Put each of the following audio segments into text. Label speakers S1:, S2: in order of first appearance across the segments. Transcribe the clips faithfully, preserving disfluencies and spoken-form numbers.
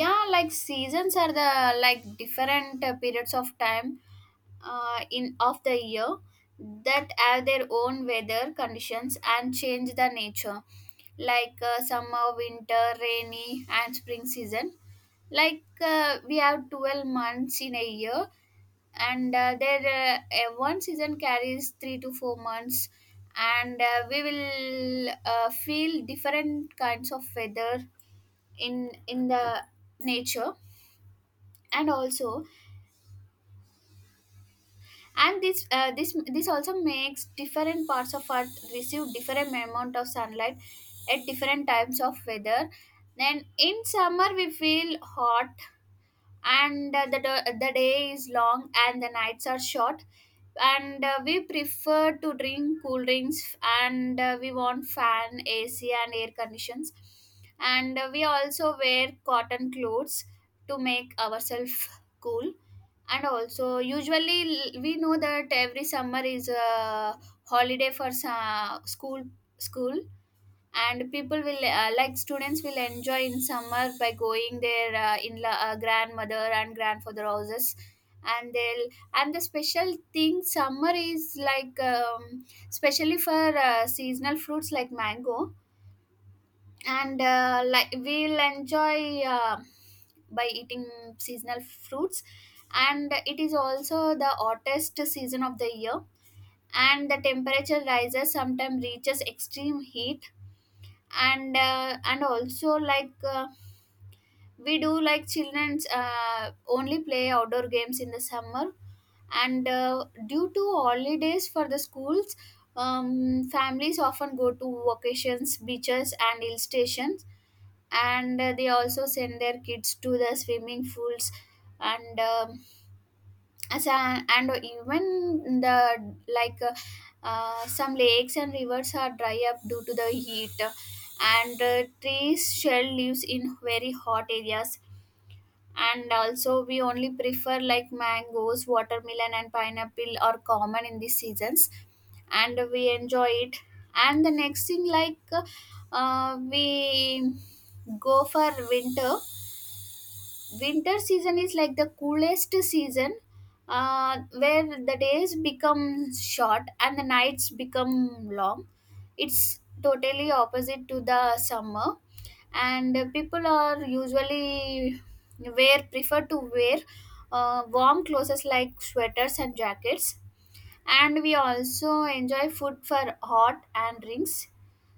S1: Yeah, like seasons are the like different uh, periods of time uh, in of the year that have their own weather conditions and change the nature, like uh, summer, winter, rainy, and spring season. Like uh, we have twelve months in a year, and uh, there uh, uh, one season carries three to four months, and uh, we will uh, feel different kinds of weather in in the nature and also. And this uh, this this also makes different parts of earth receive different amount of sunlight at different times of weather. Then in summer we feel hot, and uh, the, da- the day is long and the nights are short, and uh, we prefer to drink cool drinks, and uh, we want fan ac and air conditions, and uh, we also wear cotton clothes to make ourselves cool. And also usually l- we know that every summer is a holiday for sa- school school, and people will uh, like students will enjoy in summer by going their uh, in la- uh, grandmother and grandfather houses, and they'll. And the special thing summer is like um, especially for uh, seasonal fruits like mango, and uh, like we'll enjoy uh, by eating seasonal fruits. And it is also the hottest season of the year, and the temperature rises, sometimes reaches extreme heat. And uh, and also like uh, we do like children's uh, only play outdoor games in the summer, and uh, due to holidays for the schools. Um, families often go to vacations, beaches, and hill stations, and uh, they also send their kids to the swimming pools. And um as a, and even the like uh, uh, some lakes and rivers are dry up due to the heat, and uh, trees shell lives in very hot areas. And also we only prefer like mangoes, watermelon, and pineapple are common in these seasons, and we enjoy it. And the next thing, like uh, we go for winter. Winter season is like the coolest season, uh, where the days become short and the nights become long. It's totally opposite to the summer, and people are usually wear prefer to wear uh, warm clothes like sweaters and jackets, and we also enjoy food for hot and drinks.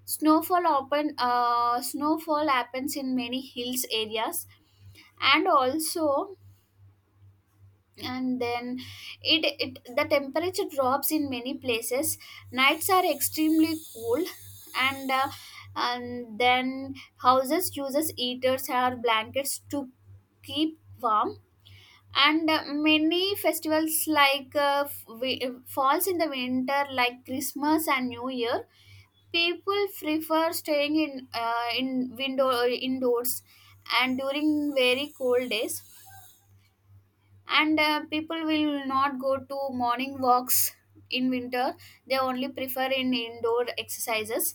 S1: Snowfall open uh, snowfall happens in many hills areas, and also. And then it, it the temperature drops in many places, nights are extremely cool, and uh, and then houses uses heaters or blankets to keep warm. And uh, many festivals like uh, f- wi- falls in the winter like christmas and new year. People prefer staying in uh, in window indoors and during very cold days, and uh, people will not go to morning walks in winter, they only prefer in indoor exercises.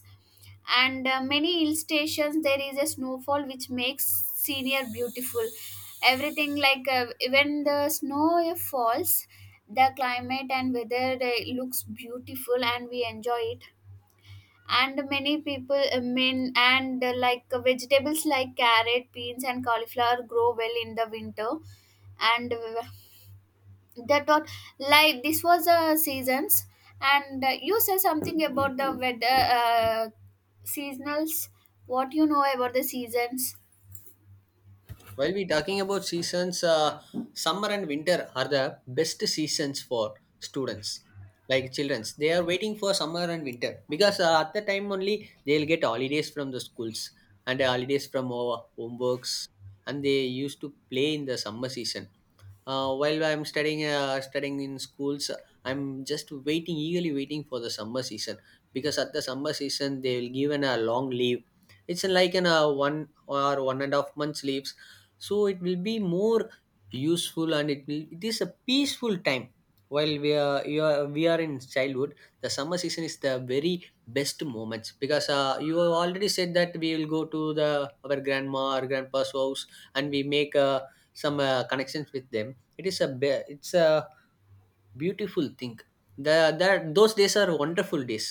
S1: And uh, many hill stations there is a snowfall which makes senior beautiful. Everything, like uh, when the snow falls, the climate and weather uh, looks beautiful and we enjoy it. And many people I mean and uh, like uh, vegetables like carrot, beans, and cauliflower grow well in the winter. And uh, that what, like this was the seasons. And uh, you say something about the weather uh, seasonals. What you know about the seasons?
S2: While we talking about seasons, uh, summer and winter are the best seasons for students, like childrens. They are waiting for summer and winter because uh, at the time only they'll get holidays from the schools and holidays from our homeworks, and they used to play in the summer season. Uh, while I'm studying, uh, studying in schools, I'm just waiting, eagerly waiting for the summer season because at the summer season they will given a long leave. It's like an uh, one or one and a half months leaves so it will be more useful and it will it is a peaceful time while we are, you are we are in childhood. The summer season is the very best moments because uh, you have already said that we will go to the our grandma or grandpa's house and we make uh, some uh, connections with them. It is a be- it's a beautiful thing. The that those days are wonderful days,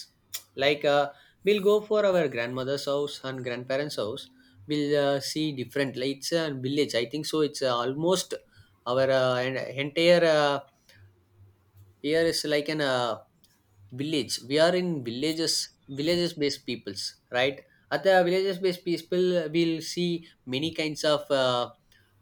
S2: like uh, we'll go for our grandmother's house and grandparents house. We'll uh, see different lights and village, I think so. It's uh, almost our uh, en- entire uh, here is like an uh, village. We are in villages, villages based peoples, right? At the villages based people, we'll see many kinds of uh,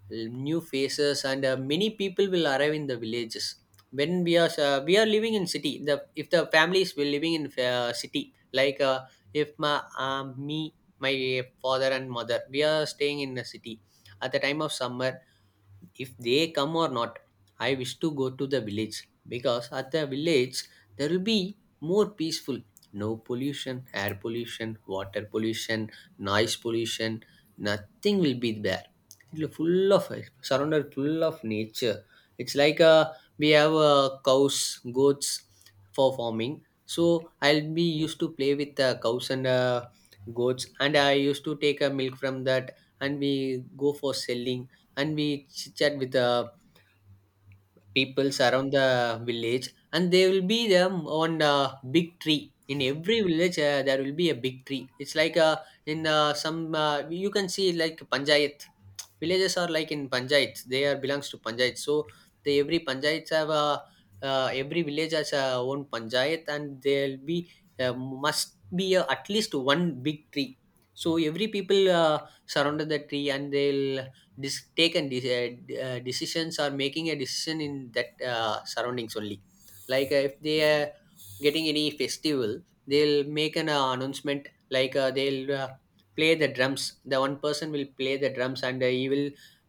S2: new faces, and uh, many people will arrive in the villages. When we are uh, we are living in city, the if the families will living in uh, city, like uh, if my um me my father and mother, we are staying in the city. At the time of summer, if they come or not, I wish to go to the village because at the village there will be more peaceful. No pollution, air pollution, water pollution, noise pollution, nothing will be there. It'll full of, surrounded full of nature. It's like uh, we have uh, cows, goats, for farming. So I'll be used to play with the cows and uh, goats, and I used to take a milk from that, and we go for selling. And we chit chat with the peoples around the village, and they will be them on a big tree. In every village uh, there will be a big tree. It's like uh, in uh, some uh, you can see like panchayat villages are like in panchayats, they are belongs to panchayat. So they every panchayats have a uh, every village has a own panchayat, and there'll be uh, must be a, at least one big tree. So every people uh, surrounded the tree, and they'll dis- taken de- uh, uh, decisions or making a decision in that uh, surroundings only. Like uh, if they are getting any festival, they'll make an uh, announcement, like uh, they'll uh, play the drums. The one person will play the drums, and uh, he will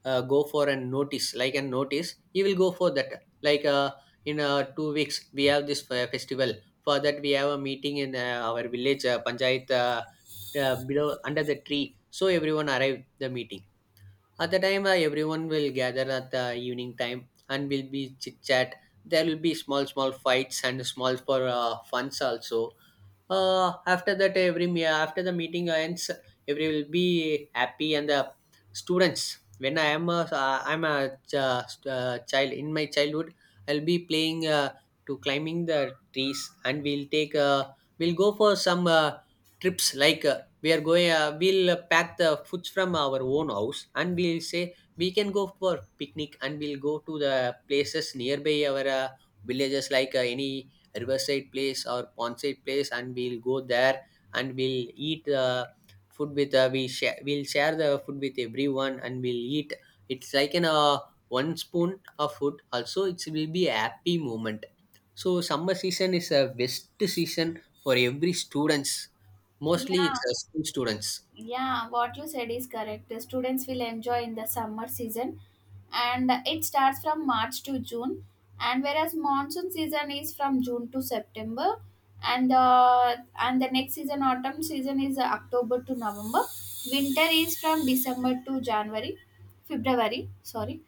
S2: uh, go for a notice, like a notice he will go for that. Like uh, in uh, two weeks we have this fe- festival. For that we have a meeting in uh, our village uh, panchayat, uh, uh, below under the tree. So everyone arrive the meeting at the time, uh, everyone will gather at the evening time and will be chit chat. There will be small, small fights and small for uh, funs also. Uh, after that, every me- after the meeting ends, every will be happy and the students. When I am a, uh, I'm a ch- uh, child in my childhood, I'll be playing uh, to climbing the trees, and we'll take uh, we'll go for some uh, trips. Like uh, we are going uh, we'll uh, pack the foods from our own house, and we'll say we can go for picnic, and we'll go to the places nearby our uh, villages, like uh, any riverside place or pondside place, and we'll go there and we'll eat uh, food with uh, we share we'll share the food with everyone, and we'll eat. It's like an uh, one spoon of food also, it will be a happy moment. So summer season is a best season for every students. Mostly it's
S1: Yeah.
S2: uh, school students.
S1: Yeah, what you said is correct. The students will enjoy in the summer season, and it starts from March to June, and whereas monsoon season is from June to September, and the and the next season autumn season is uh, October to November. Winter is from December to January, February, sorry.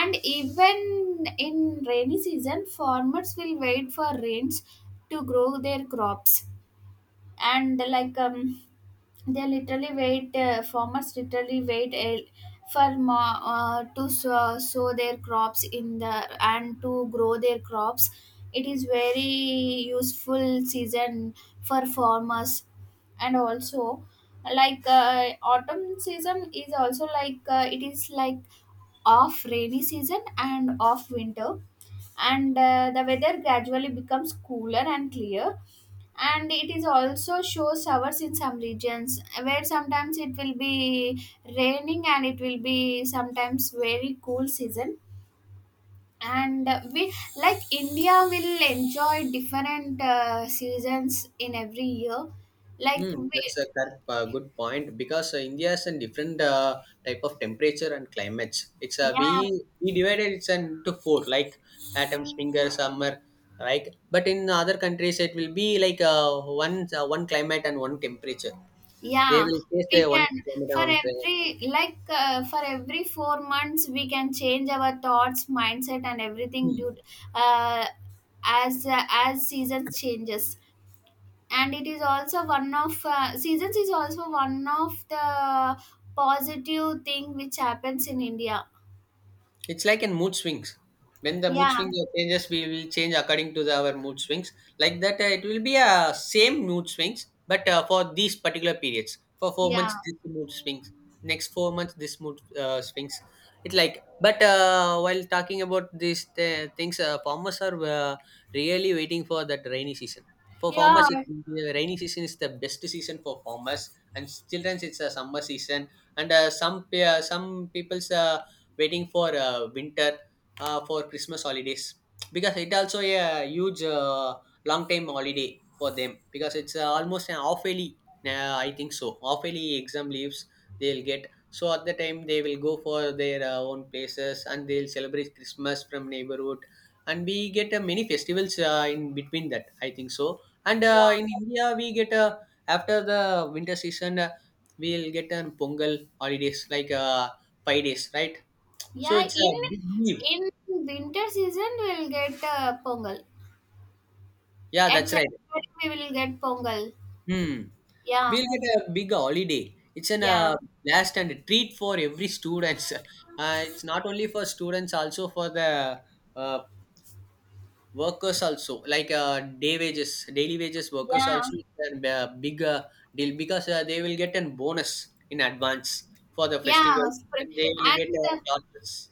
S1: And even in rainy season farmers will wait for rains to grow their crops, and like um they literally wait uh, farmers literally wait a- for more, uh, to sow, sow their crops in the and to grow their crops. It is very useful season for farmers. And also like uh, autumn season is also like uh, it is like off rainy season and off winter, and uh, the weather gradually becomes cooler and clear, and it is also shows showers in some regions where sometimes it will be raining and it will be sometimes very cool season. And uh, we like india will enjoy different uh, seasons in every year, like
S2: Hmm,
S1: we.
S2: that's a correct, uh, good point because uh, India has a different uh, type of temperature and climates. It's uh, we
S1: Yeah.
S2: we divided it into four, like autumn, winter, summer, like. But in other countries, it will be like uh, one uh, one climate and one temperature. They
S1: Yeah,
S2: will face the
S1: we
S2: one
S1: can
S2: climate and
S1: for
S2: one.
S1: every
S2: Climate.
S1: like uh, for every four months we can change our thoughts, mindset, and everything due uh, as uh, as seasons changes. And it is also one of uh, seasons is also one of the positive thing which happens in India.
S2: It's like in mood swings. When the mood
S1: Yeah,
S2: swings changes, we will change according to the, our mood swings. Like that, uh, it will be a same mood swings, but uh, for these particular periods. For four
S1: yeah,
S2: months, this mood swings. Next four months, this mood uh, swings. It like, but uh, while talking about these uh, things, uh, farmers are uh, really waiting for that rainy season. For farmers,
S1: yeah,
S2: it, the rainy season is the best season for farmers, and childrens it's a summer season. And uh, some pe- uh, some people's uh, waiting for uh, winter, uh, for Christmas holidays because it also a huge uh, long time holiday for them because it's uh, almost an half yearly. Uh, I think so. Half yearly exam leaves they'll get. So at the time they will go for their uh, own places, and they'll celebrate Christmas from neighborhood, and we get uh, many festivals uh, in between that. I think so. And
S1: yeah,
S2: uh, in India we get uh, after the winter season. Uh, we'll get on Pongal holidays like uh, five days, right? So
S1: yeah.
S2: it's
S1: In
S2: a big leave.
S1: in winter season we will get uh, pongal.
S2: Yeah,
S1: At
S2: that's
S1: January
S2: right.
S1: we will get pongal.
S2: Hmm.
S1: Yeah,
S2: We'll get a big holiday. It's an
S1: yeah,
S2: uh, blast and a treat for every students. Uh, it's not only for students, also for the uh, workers also, like uh, day wages, daily wages workers
S1: yeah,
S2: also. It's a uh, big uh, deal because uh, they will get a bonus in advance for the
S1: yeah.
S2: festivals,
S1: Spring
S2: and they will get
S1: and
S2: uh,
S1: uh,
S2: dollars.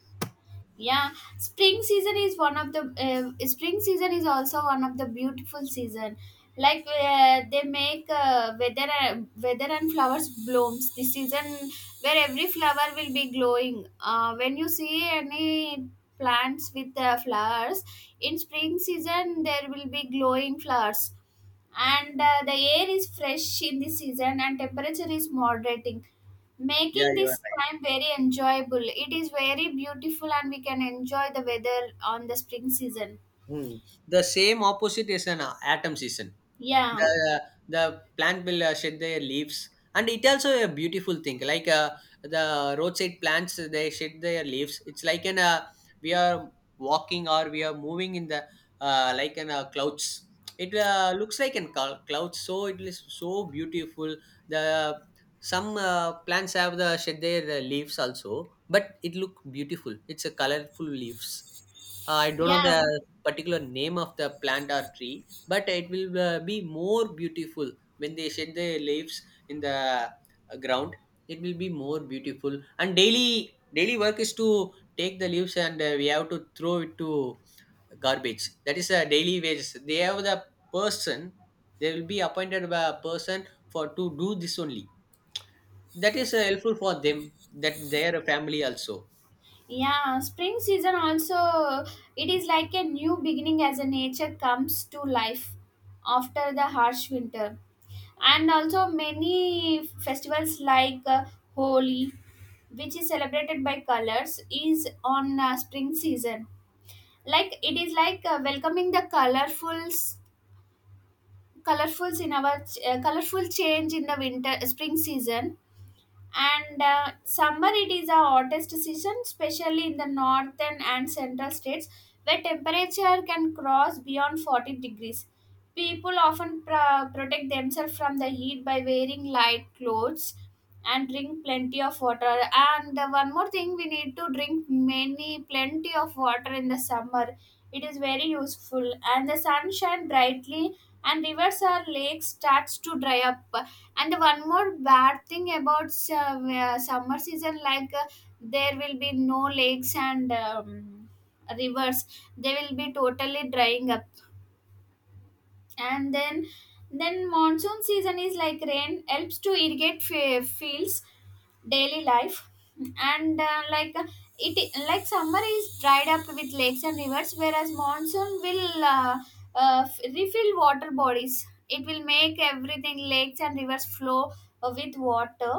S1: yeah, spring season is one of the uh, spring season is also one of the beautiful season. Like uh, they make uh, weather uh, weather and flowers blooms this season, where every flower will be glowing. Uh, when you see any plants with uh, flowers in spring season, there will be glowing flowers. And uh, the air is fresh in the season and temperature is moderating,
S2: Yeah,
S1: making
S2: you
S1: this
S2: are
S1: time very enjoyable. It is very beautiful and we can enjoy the weather on the spring season.
S2: right. Hmm. The same opposite is an uh, autumn season.
S1: Yeah.
S2: the the plant will uh, shed their leaves, and it also a beautiful thing. Like uh, the roadside plants they shed their leaves. It's like an uh, we are walking or we are moving in the uh, like an uh, clouds. It uh, looks like an col- clouds, so it is so beautiful. The some uh, plants have the shed their uh, leaves also, but it look beautiful. It's a colorful leaves. uh, I don't know
S1: Yeah,
S2: the particular name of the plant or tree, but it will uh, be more beautiful when they shed their leaves in the uh, ground. It will be more beautiful. And daily daily work is to take the leaves, and uh, we have to throw it to garbage. That is a daily wages. They have the person. They will be appointed by a person for to do this only. That is uh, helpful for them. That their family also.
S1: yeah, spring season also, it is like a new beginning as a nature comes to life after the harsh winter. And also many festivals like uh, Holi, which is celebrated by colors, is on uh, spring season. Like it is like uh, welcoming the colorfuls, colorfuls in our ch- uh, colorful change in the winter spring season. And uh, summer, it is a hottest season especially in the northern and central states, where temperature can cross beyond forty degrees. People often pr- protect themselves from the heat by wearing light clothes and drink plenty of water. And uh, one more thing, we need to drink many plenty of water in the summer, it is very useful. And the sun shines brightly, and rivers or lakes starts to dry up. And one more bad thing about sum- uh, uh, summer season, like uh, there will be no lakes and um, rivers, they will be totally drying up. And then then monsoon season is like rain helps to irrigate f- fields, daily life. And uh, like uh, it like summer is dried up with lakes and rivers, whereas monsoon will uh, uh, f- refill water bodies, it will make everything lakes and rivers flow uh, with water,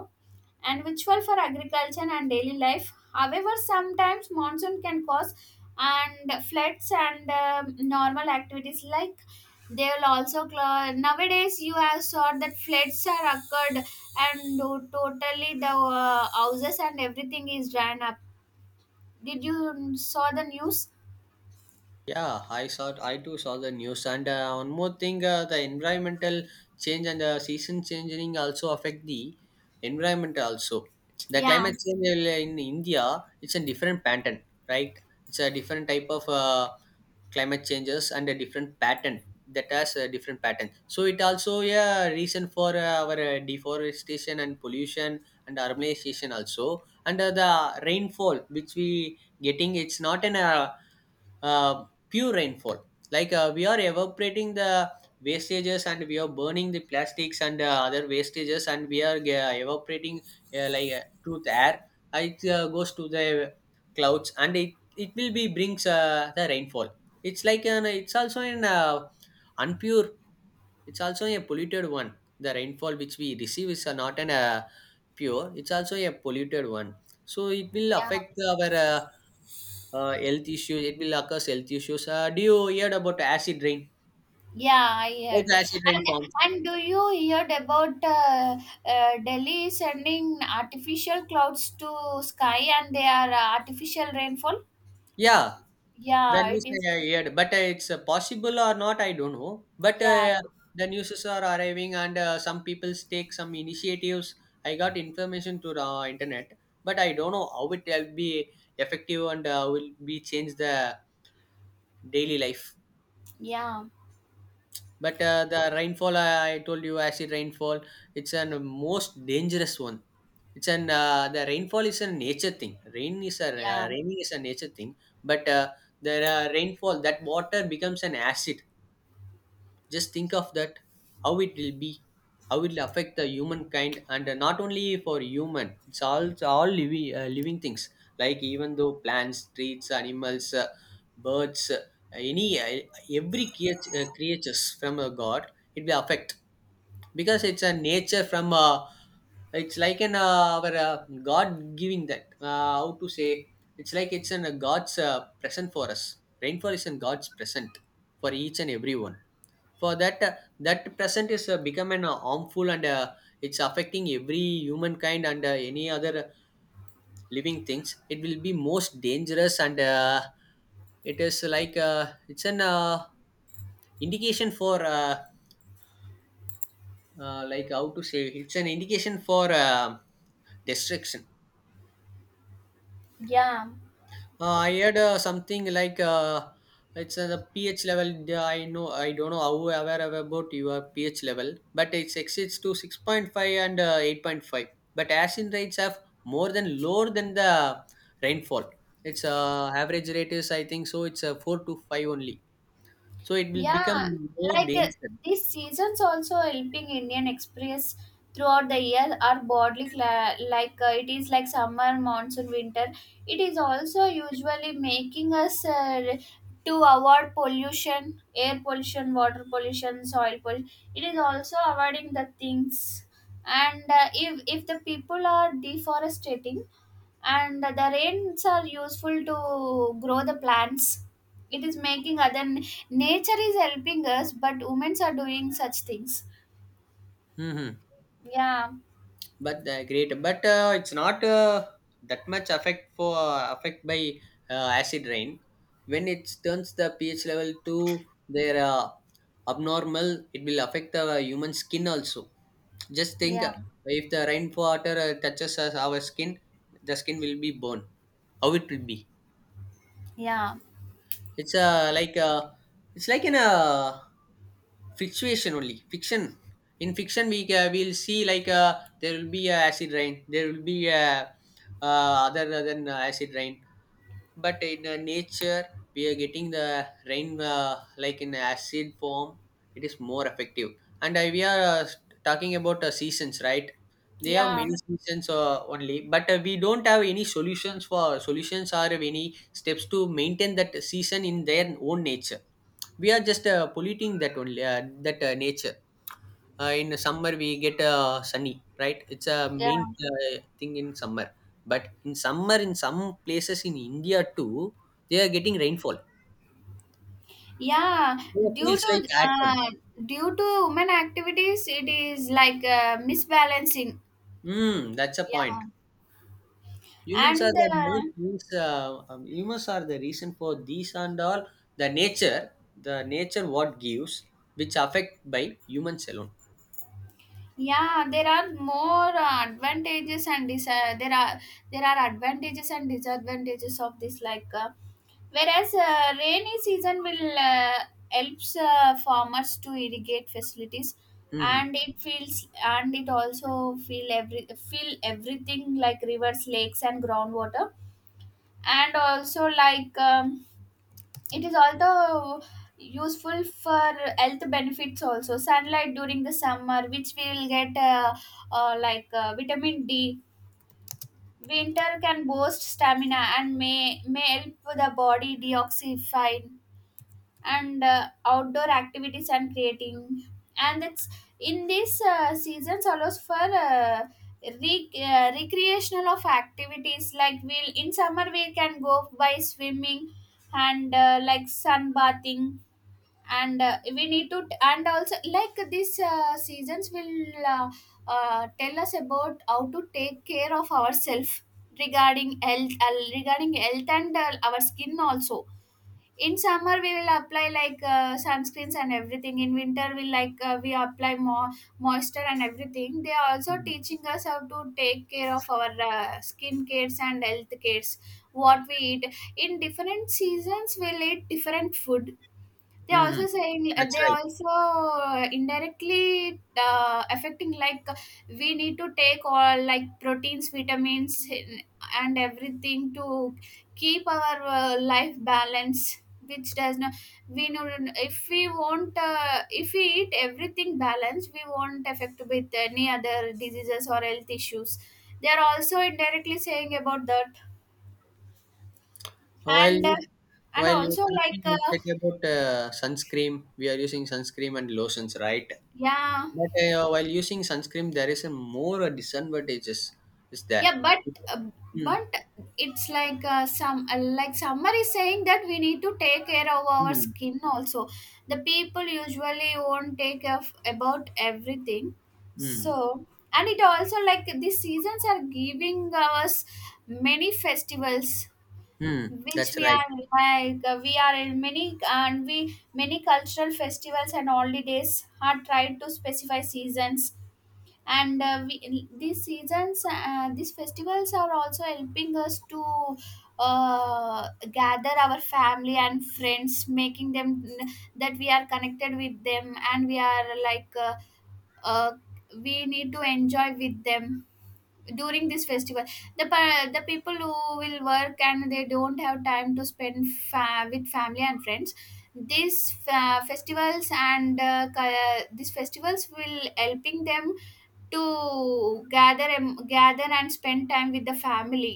S1: and virtual for agriculture and daily life. However, sometimes monsoon can cause and floods and um normal activities like they will also cl- nowadays you have saw that floods are occurred, and to- totally the uh, houses and everything is ran up. Did you mm, saw the news?
S2: Yeah, I saw. I too saw the news. And uh, one more thing, uh, the environmental change and uh, season changing also affect the environment also. The
S1: Yeah.
S2: climate change will, uh, in India, it's a different pattern, right? It's a different type of uh, climate changes and a different pattern that has a different pattern. So it also a yeah, reason for uh, our uh, deforestation and pollution and urbanization also. And uh, the rainfall which we getting, it's not an uh, uh, pure rainfall. Like uh, we are evaporating the wastages, and we are burning the plastics and uh, other wastages, and we are uh, evaporating uh, like uh, through the air. Uh, it uh, goes to the clouds, and it, it will be brings uh, the rainfall. It's like an it's also an uh, unpure, it's also a polluted one. The rainfall which we receive is uh, not an uh, pure, it's also a polluted one. So it will
S1: Yeah,
S2: affect our uh, uh, health issues, it will occur health issues. Uh, do you heard about acid rain?
S1: yeah, I
S2: How
S1: heard.
S2: the acid rain
S1: and
S2: forms?
S1: and do you heard about uh, uh, delhi sending artificial clouds to sky and they are uh, artificial rainfall?
S2: Yeah, the
S1: Yeah, it
S2: news i
S1: is.
S2: I heard, but uh, it's uh, possible or not I don't know. But
S1: Yeah.
S2: uh, the newses are arriving, and uh, some people take some initiatives. I got information to the uh, internet, but I don't know how it will be effective and uh, will be change the daily life.
S1: Yeah.
S2: But uh, the rainfall, I, I told you, acid rainfall, it's an most dangerous one. It's an uh, the rainfall is a nature thing. Rain is a
S1: Yeah.
S2: uh, raining is a nature thing, but uh, the uh, rainfall that water becomes an acid. Just think of that, how it will be, how it will affect the humankind, and uh, not only for human, it's all it's all living uh, living things. Like even though plants, trees, animals, uh, birds, uh, any uh, every creat- uh, creatures from a god, it will affect because it's a nature from a, it's like an uh, our uh, god giving that, uh, how to say, it's like it's an a god's uh, present for us. Rainfall is a god's present for each and everyone. For that uh, that present is uh, become an uh, harmful and uh, it's affecting every humankind and uh, any other uh, living things. It will be most dangerous and uh, it is like uh, it's an uh, indication for uh, uh, like, how to say, it's an indication for uh, destruction.
S1: Yeah,
S2: Uh, I heard uh, something like uh, it's uh, the pH level. uh, I know, I don't know how aware I am about your pH level, but it exceeds to six point five and uh, eight point five. But acid rates have more than, lower than the rainfall. Its uh, average rate is, I think so, It's uh, four to five only. So it will become
S1: Yeah,
S2: more
S1: like uh,
S2: dangerous.
S1: these seasons also helping Indian Express throughout the year are broadly cla like uh, it is like summer, monsoon, winter. It is also usually making us uh, to avoid pollution, air pollution, water pollution, soil pollution. It is also avoiding the things. And uh, if if the people are deforestating, and the rains are useful to grow the plants, it is making other, nature is helping us but humans are doing such things.
S2: Hmm.
S1: Yeah.
S2: But uh, great, but uh, it's not uh, that much affect for, affect by uh, acid rain. When it turns the ph level to their uh, abnormal, it will affect the human skin also. Just think,
S1: Yeah.
S2: uh, if the rainwater uh, touches us, our skin, the skin will be burned. How it will be?
S1: Yeah.
S2: It's uh, like uh, it's like in a fluctuation only, fiction. In fiction, we uh, will see like uh, there will be a acid rain. There will be a uh, other than uh, acid rain, but in the nature we are getting the rain uh, like in acid form. It is more effective, and uh, we are uh, talking about uh, seasons, right? They have
S1: Yeah.
S2: many seasons uh, only, but uh, we don't have any solutions for solutions or any steps to maintain that season in their own nature. We are just uh, polluting that only uh, that uh, nature. Uh, in the summer we get uh, sunny, right? It's a
S1: Yeah.
S2: main uh, thing in summer. But in summer in some places in india too, they are getting rainfall,
S1: Yeah,
S2: so it
S1: due
S2: feels
S1: to
S2: like autumn.
S1: uh, due to human activities it is like uh, misbalancing.
S2: Mm, that's a point.
S1: Yeah.
S2: Humans are
S1: And
S2: the
S1: uh,
S2: most means, uh, um, humans are the reason for these and all. The nature, the nature what gives, which affect by humans alone.
S1: yeah, there are more uh, advantages and dis- uh, there are, there are advantages and disadvantages of this. Like uh, whereas uh, rainy season will uh, helps uh, farmers to irrigate facilities,
S2: Mhm.
S1: and it feels, and it also feel every feel everything like rivers, lakes, and groundwater. And also like, Um, it is also useful for health benefits also, sunlight during the summer which we will get uh, uh, like uh, vitamin d, winter can boost stamina and may may help the body deoxify. And uh, outdoor activities and creating, and it's in this uh, seasons allows for uh, re- uh, recreational of activities, like we'll in summer we can go by swimming and uh, like sunbathing. And uh, we need to, and also like these uh, seasons will uh, uh, tell us about how to take care of ourselves regarding health uh, regarding health and uh, our skin also. In summer we will apply like uh, sunscreens and everything, in winter we like uh, we apply more moisture and everything, they are also
S2: Mhm.
S1: teaching us how to take care of our uh, skin cares and health cares. What we eat in different seasons, we'll eat different food. They are
S2: Mhm.
S1: also saying uh,
S2: That's
S1: they
S2: right.
S1: are also uh, indirectly uh, affecting, like uh, we need to take all like proteins, vitamins, and everything to keep our uh, life balance. Which does not, we know, if we won't uh, if we eat everything balanced, we won't affect with any other diseases or health issues. They are also indirectly saying about that,
S2: Well
S1: and uh,
S2: you,
S1: and
S2: while you were
S1: also like
S2: talking, you
S1: uh,
S2: said about uh, sunscreen. We are using sunscreen and lotions, right?
S1: yeah,
S2: But uh, while using sunscreen, there is a more disadvantages is there.
S1: yeah, but uh,
S2: Mm.
S1: but it's like uh, some uh, like somebody saying that we need to take care of our
S2: Mm.
S1: skin also, the people usually won't take care of about everything.
S2: Mm.
S1: So, and it also like the seasons are giving us many festivals,
S2: Mm.
S1: which
S2: That's
S1: we
S2: right.
S1: are like uh, we are in many, and we many cultural festivals and holidays are tried to specify seasons. And uh, we, these seasons, uh, these festivals are also helping us to uh, gather our family and friends making them that we are connected with them, and we are like uh, uh, we need to enjoy with them during this festival. The pa- the people who will work and they don't have time to spend fa- with family and friends, these fa- festivals and uh, ca- these festivals will helping them to gather and gather and spend time with the family.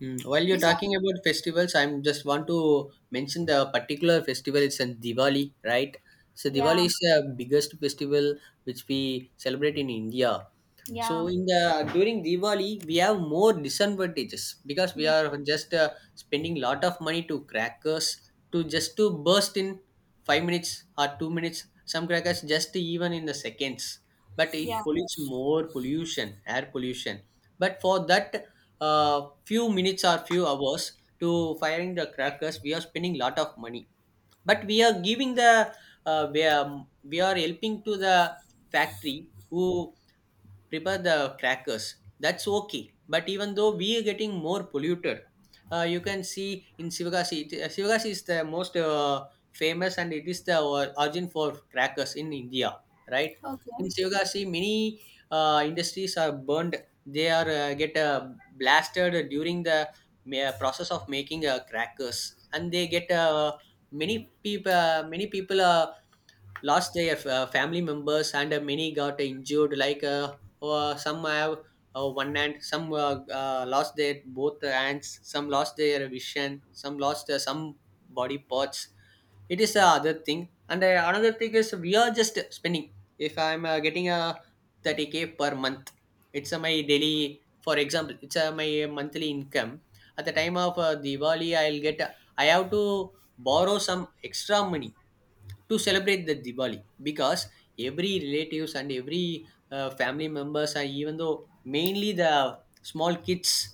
S2: Mm. While you're
S1: These are,
S2: talking about festivals, I'm just want to mention the particular festival. It's in Diwali, right? So
S1: yeah,
S2: Diwali is the biggest festival which we celebrate in India.
S1: yeah,
S2: So in the during Diwali we have more disadvantages because we
S1: yeah,
S2: are just uh, spending lot of money to crackers, to just to burst in five minutes or two minutes. Some crackers just even in the seconds, but it
S1: yeah,
S2: pollutes more pollution, air pollution. But for that uh, few minutes or few hours to firing the crackers, we are spending lot of money. But we are giving the uh, we are, we are helping to the factory who prepare the crackers. That's okay, but even though we are getting more polluted, uh, you can see in sivagasi, it- uh, sivagasi is the most uh, famous and it is the or- origin for crackers in india, right?
S1: okay,
S2: In sivagasi many uh, industries are burned, they are uh, get uh, blasted during the ma- process of making uh, crackers, and they get uh, many people, many people are lost their uh, family members and uh, many got injured, like uh, uh, some have uh, one hand, some uh, uh, lost their both hands, some lost their vision, some lost uh, some body parts. It is the other thing, and uh, another thing is we are just spending. If i'm uh, getting a thirty k per month, it's uh, my daily, for example, it's uh, my monthly income. At the time of uh, diwali, I'll get, I have to borrow some extra money to celebrate the Diwali. Because every relatives and every uh, family members and even though mainly the small kids,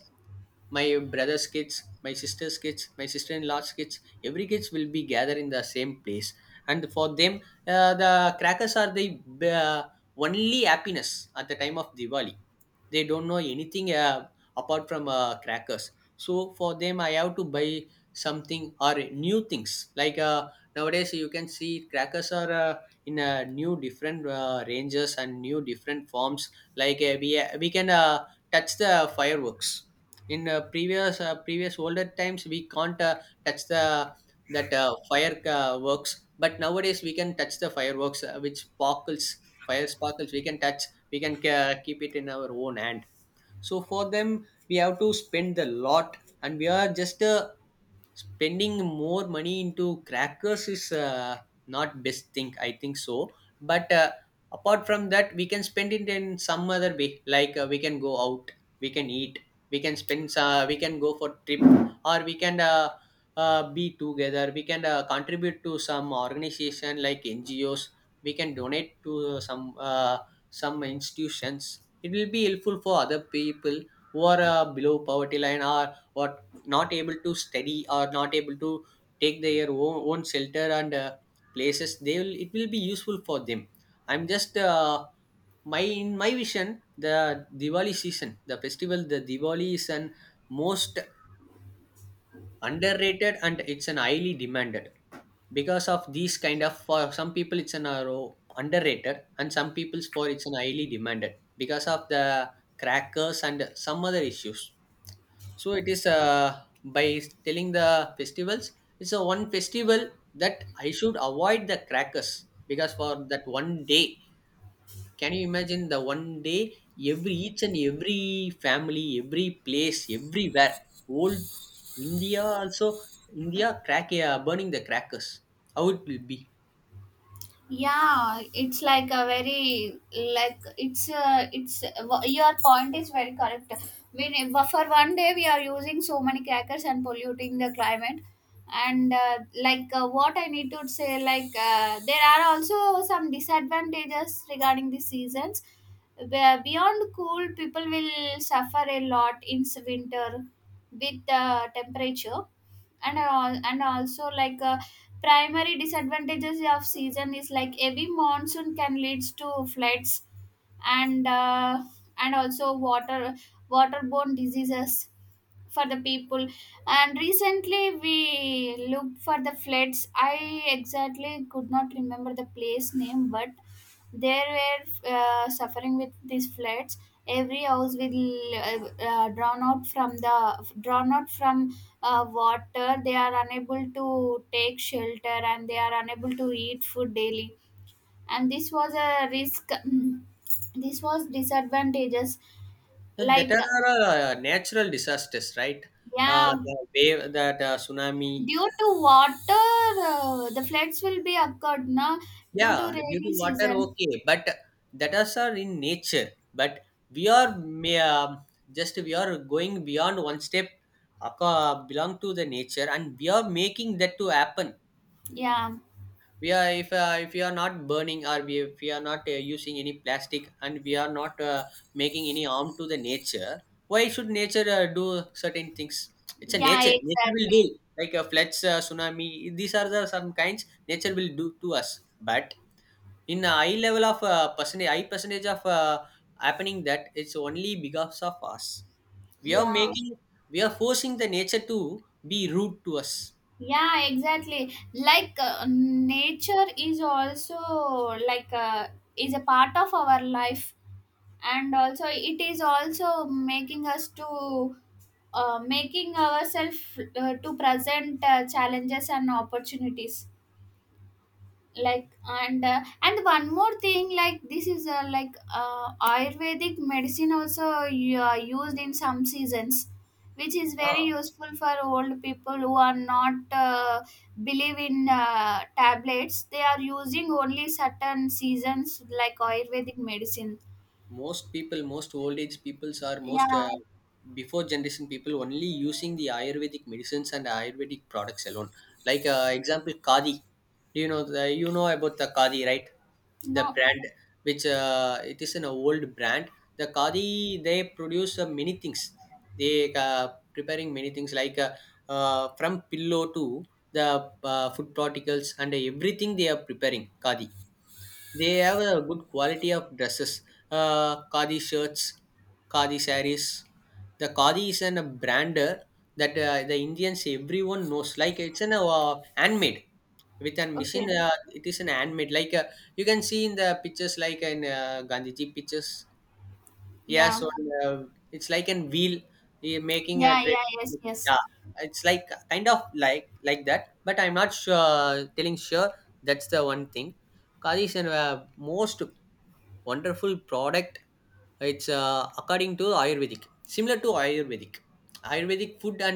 S2: my brother's kids, my sister's kids, my sister-in-law's kids, every kids will be gathered in the same place. And for them, uh, the crackers are the uh, only happiness at the time of Diwali. They don't know anything uh, apart from uh, crackers. So for them I have to buy something or new things. like uh, nowadays you can see crackers are uh, in uh, new different uh, ranges and new different forms. like uh, we uh, we can uh, touch the fireworks. In uh, previous uh, previous older times we can't uh, touch the that uh, fire uh, but nowadays we can touch the fireworks uh, which sparkles, fire sparkles we can touch, we can ca- keep it in our own hand. So for them we have to spend a lot, and we are just uh, spending more money into crackers is uh, not best thing I think so. But uh, apart from that we can spend it in some other way, like uh, we can go out, we can eat, we can spend, uh, we can go for trip, or we can uh, uh, be together, we can uh, contribute to some organization like ngos, we can donate to some uh, some institutions. It will be helpful for other people who are uh, below poverty line, or or not able to study or not able to take their own, own shelter and uh, places. They will, it will be useful for them. I'm just uh, my in my vision, the diwali season, the festival, the diwali is an most underrated and it's an highly demanded because of these kind of, for some people it's an uh, underrated and some people's for it's an highly demanded because of the crackers and some other issues. So it is uh, by telling the festivals, it's a one festival that I should avoid the crackers, because for that one day, can you imagine the one day, every each and every family, every place, everywhere, old India also, India crack uh, burning the crackers. How it will be?
S1: yeah, it's like a very, like it's uh, it's wha- your point is very correct. We ne- but for one day we are using so many crackers and polluting the climate. And uh, like uh, what I need to say, like uh, there are also some disadvantages regarding the seasons. Be- beyond cool people will suffer a lot in s- winter with uh, temperature and all. And also like uh, primary disadvantages of season is like heavy monsoon can leads to floods, and uh, and also water, waterborne diseases for the people. And recently we looked for the floods, I exactly could not remember the place name, but they were uh, suffering with these floods, every house will uh, uh, drawn out from the drawn out from uh, water, they are unable to take shelter and they are unable to eat food daily. And this was a risk this was disadvantages.
S2: Huh, that
S1: Like,
S2: are uh, natural disasters, right? Uh,
S1: yeah,
S2: the wave, that uh, tsunami.
S1: due to water uh, the floods will be occurred na. Due to
S2: Yeah, due to
S1: rainy
S2: water,
S1: season.
S2: okay, but that us are in nature. But we are may, uh, just we are going beyond one step, uh, belong to the nature, and we are making that to happen.
S1: Yeah.
S2: We are, if uh, if we are not burning, or we, if we are not uh, using any plastic and we are not uh, making any harm to the nature, why should nature uh, do certain things? It's a
S1: Yeah,
S2: nature, nature will do
S1: exactly.
S2: like a floods, uh, tsunami, these are the some kinds nature will do to us. But in a high level of uh, percentage, high percentage of uh, happening, that it's only because of us. We are
S1: Yeah.
S2: making, we are forcing the nature to be rude to us.
S1: Yeah, exactly, like uh, nature is also, like uh, is a part of our life, and also it is also making us to uh, making ourselves uh, to present uh, challenges and opportunities like. And uh, and one more thing like this is uh, like uh, ayurvedic medicine also uh, used in some seasons, which is very useful for old people who are not uh, believe in uh, tablets, they are using only certain seasons like ayurvedic medicine.
S2: Most people, most old age peoples are most
S1: Yeah.
S2: uh, before generation people only using the ayurvedic medicines and ayurvedic products alone. Like uh, example, kadi. Do you know the, you know about the kadi, right? The
S1: No.
S2: brand, which uh, it is an old brand. The kadi, they produce uh, many things. They uh, preparing many things, like uh, uh, from pillow to the uh, food particles and everything they are preparing kadi. They have a good quality of dresses, uh, khadi shirts, khadi saris. The khadi is an, a brander that uh, the Indians everyone knows. Like it's an uh, handmade with a machine.
S1: Okay.
S2: Uh, it is an handmade. Like uh, you can see in the pictures, like in uh, Gandhiji pictures. Yeah,
S1: Yeah,
S2: so uh, it's like an wheel uh, making a
S1: yeah,
S2: trade.
S1: yeah, yes, yes.
S2: Yeah, it's like kind of like like that, but I'm not sure. Telling sure, that's the one thing. Kadi is a uh, most wonderful product. It's uh, according to Ayurvedic, similar to Ayurvedic. Ayurvedic food and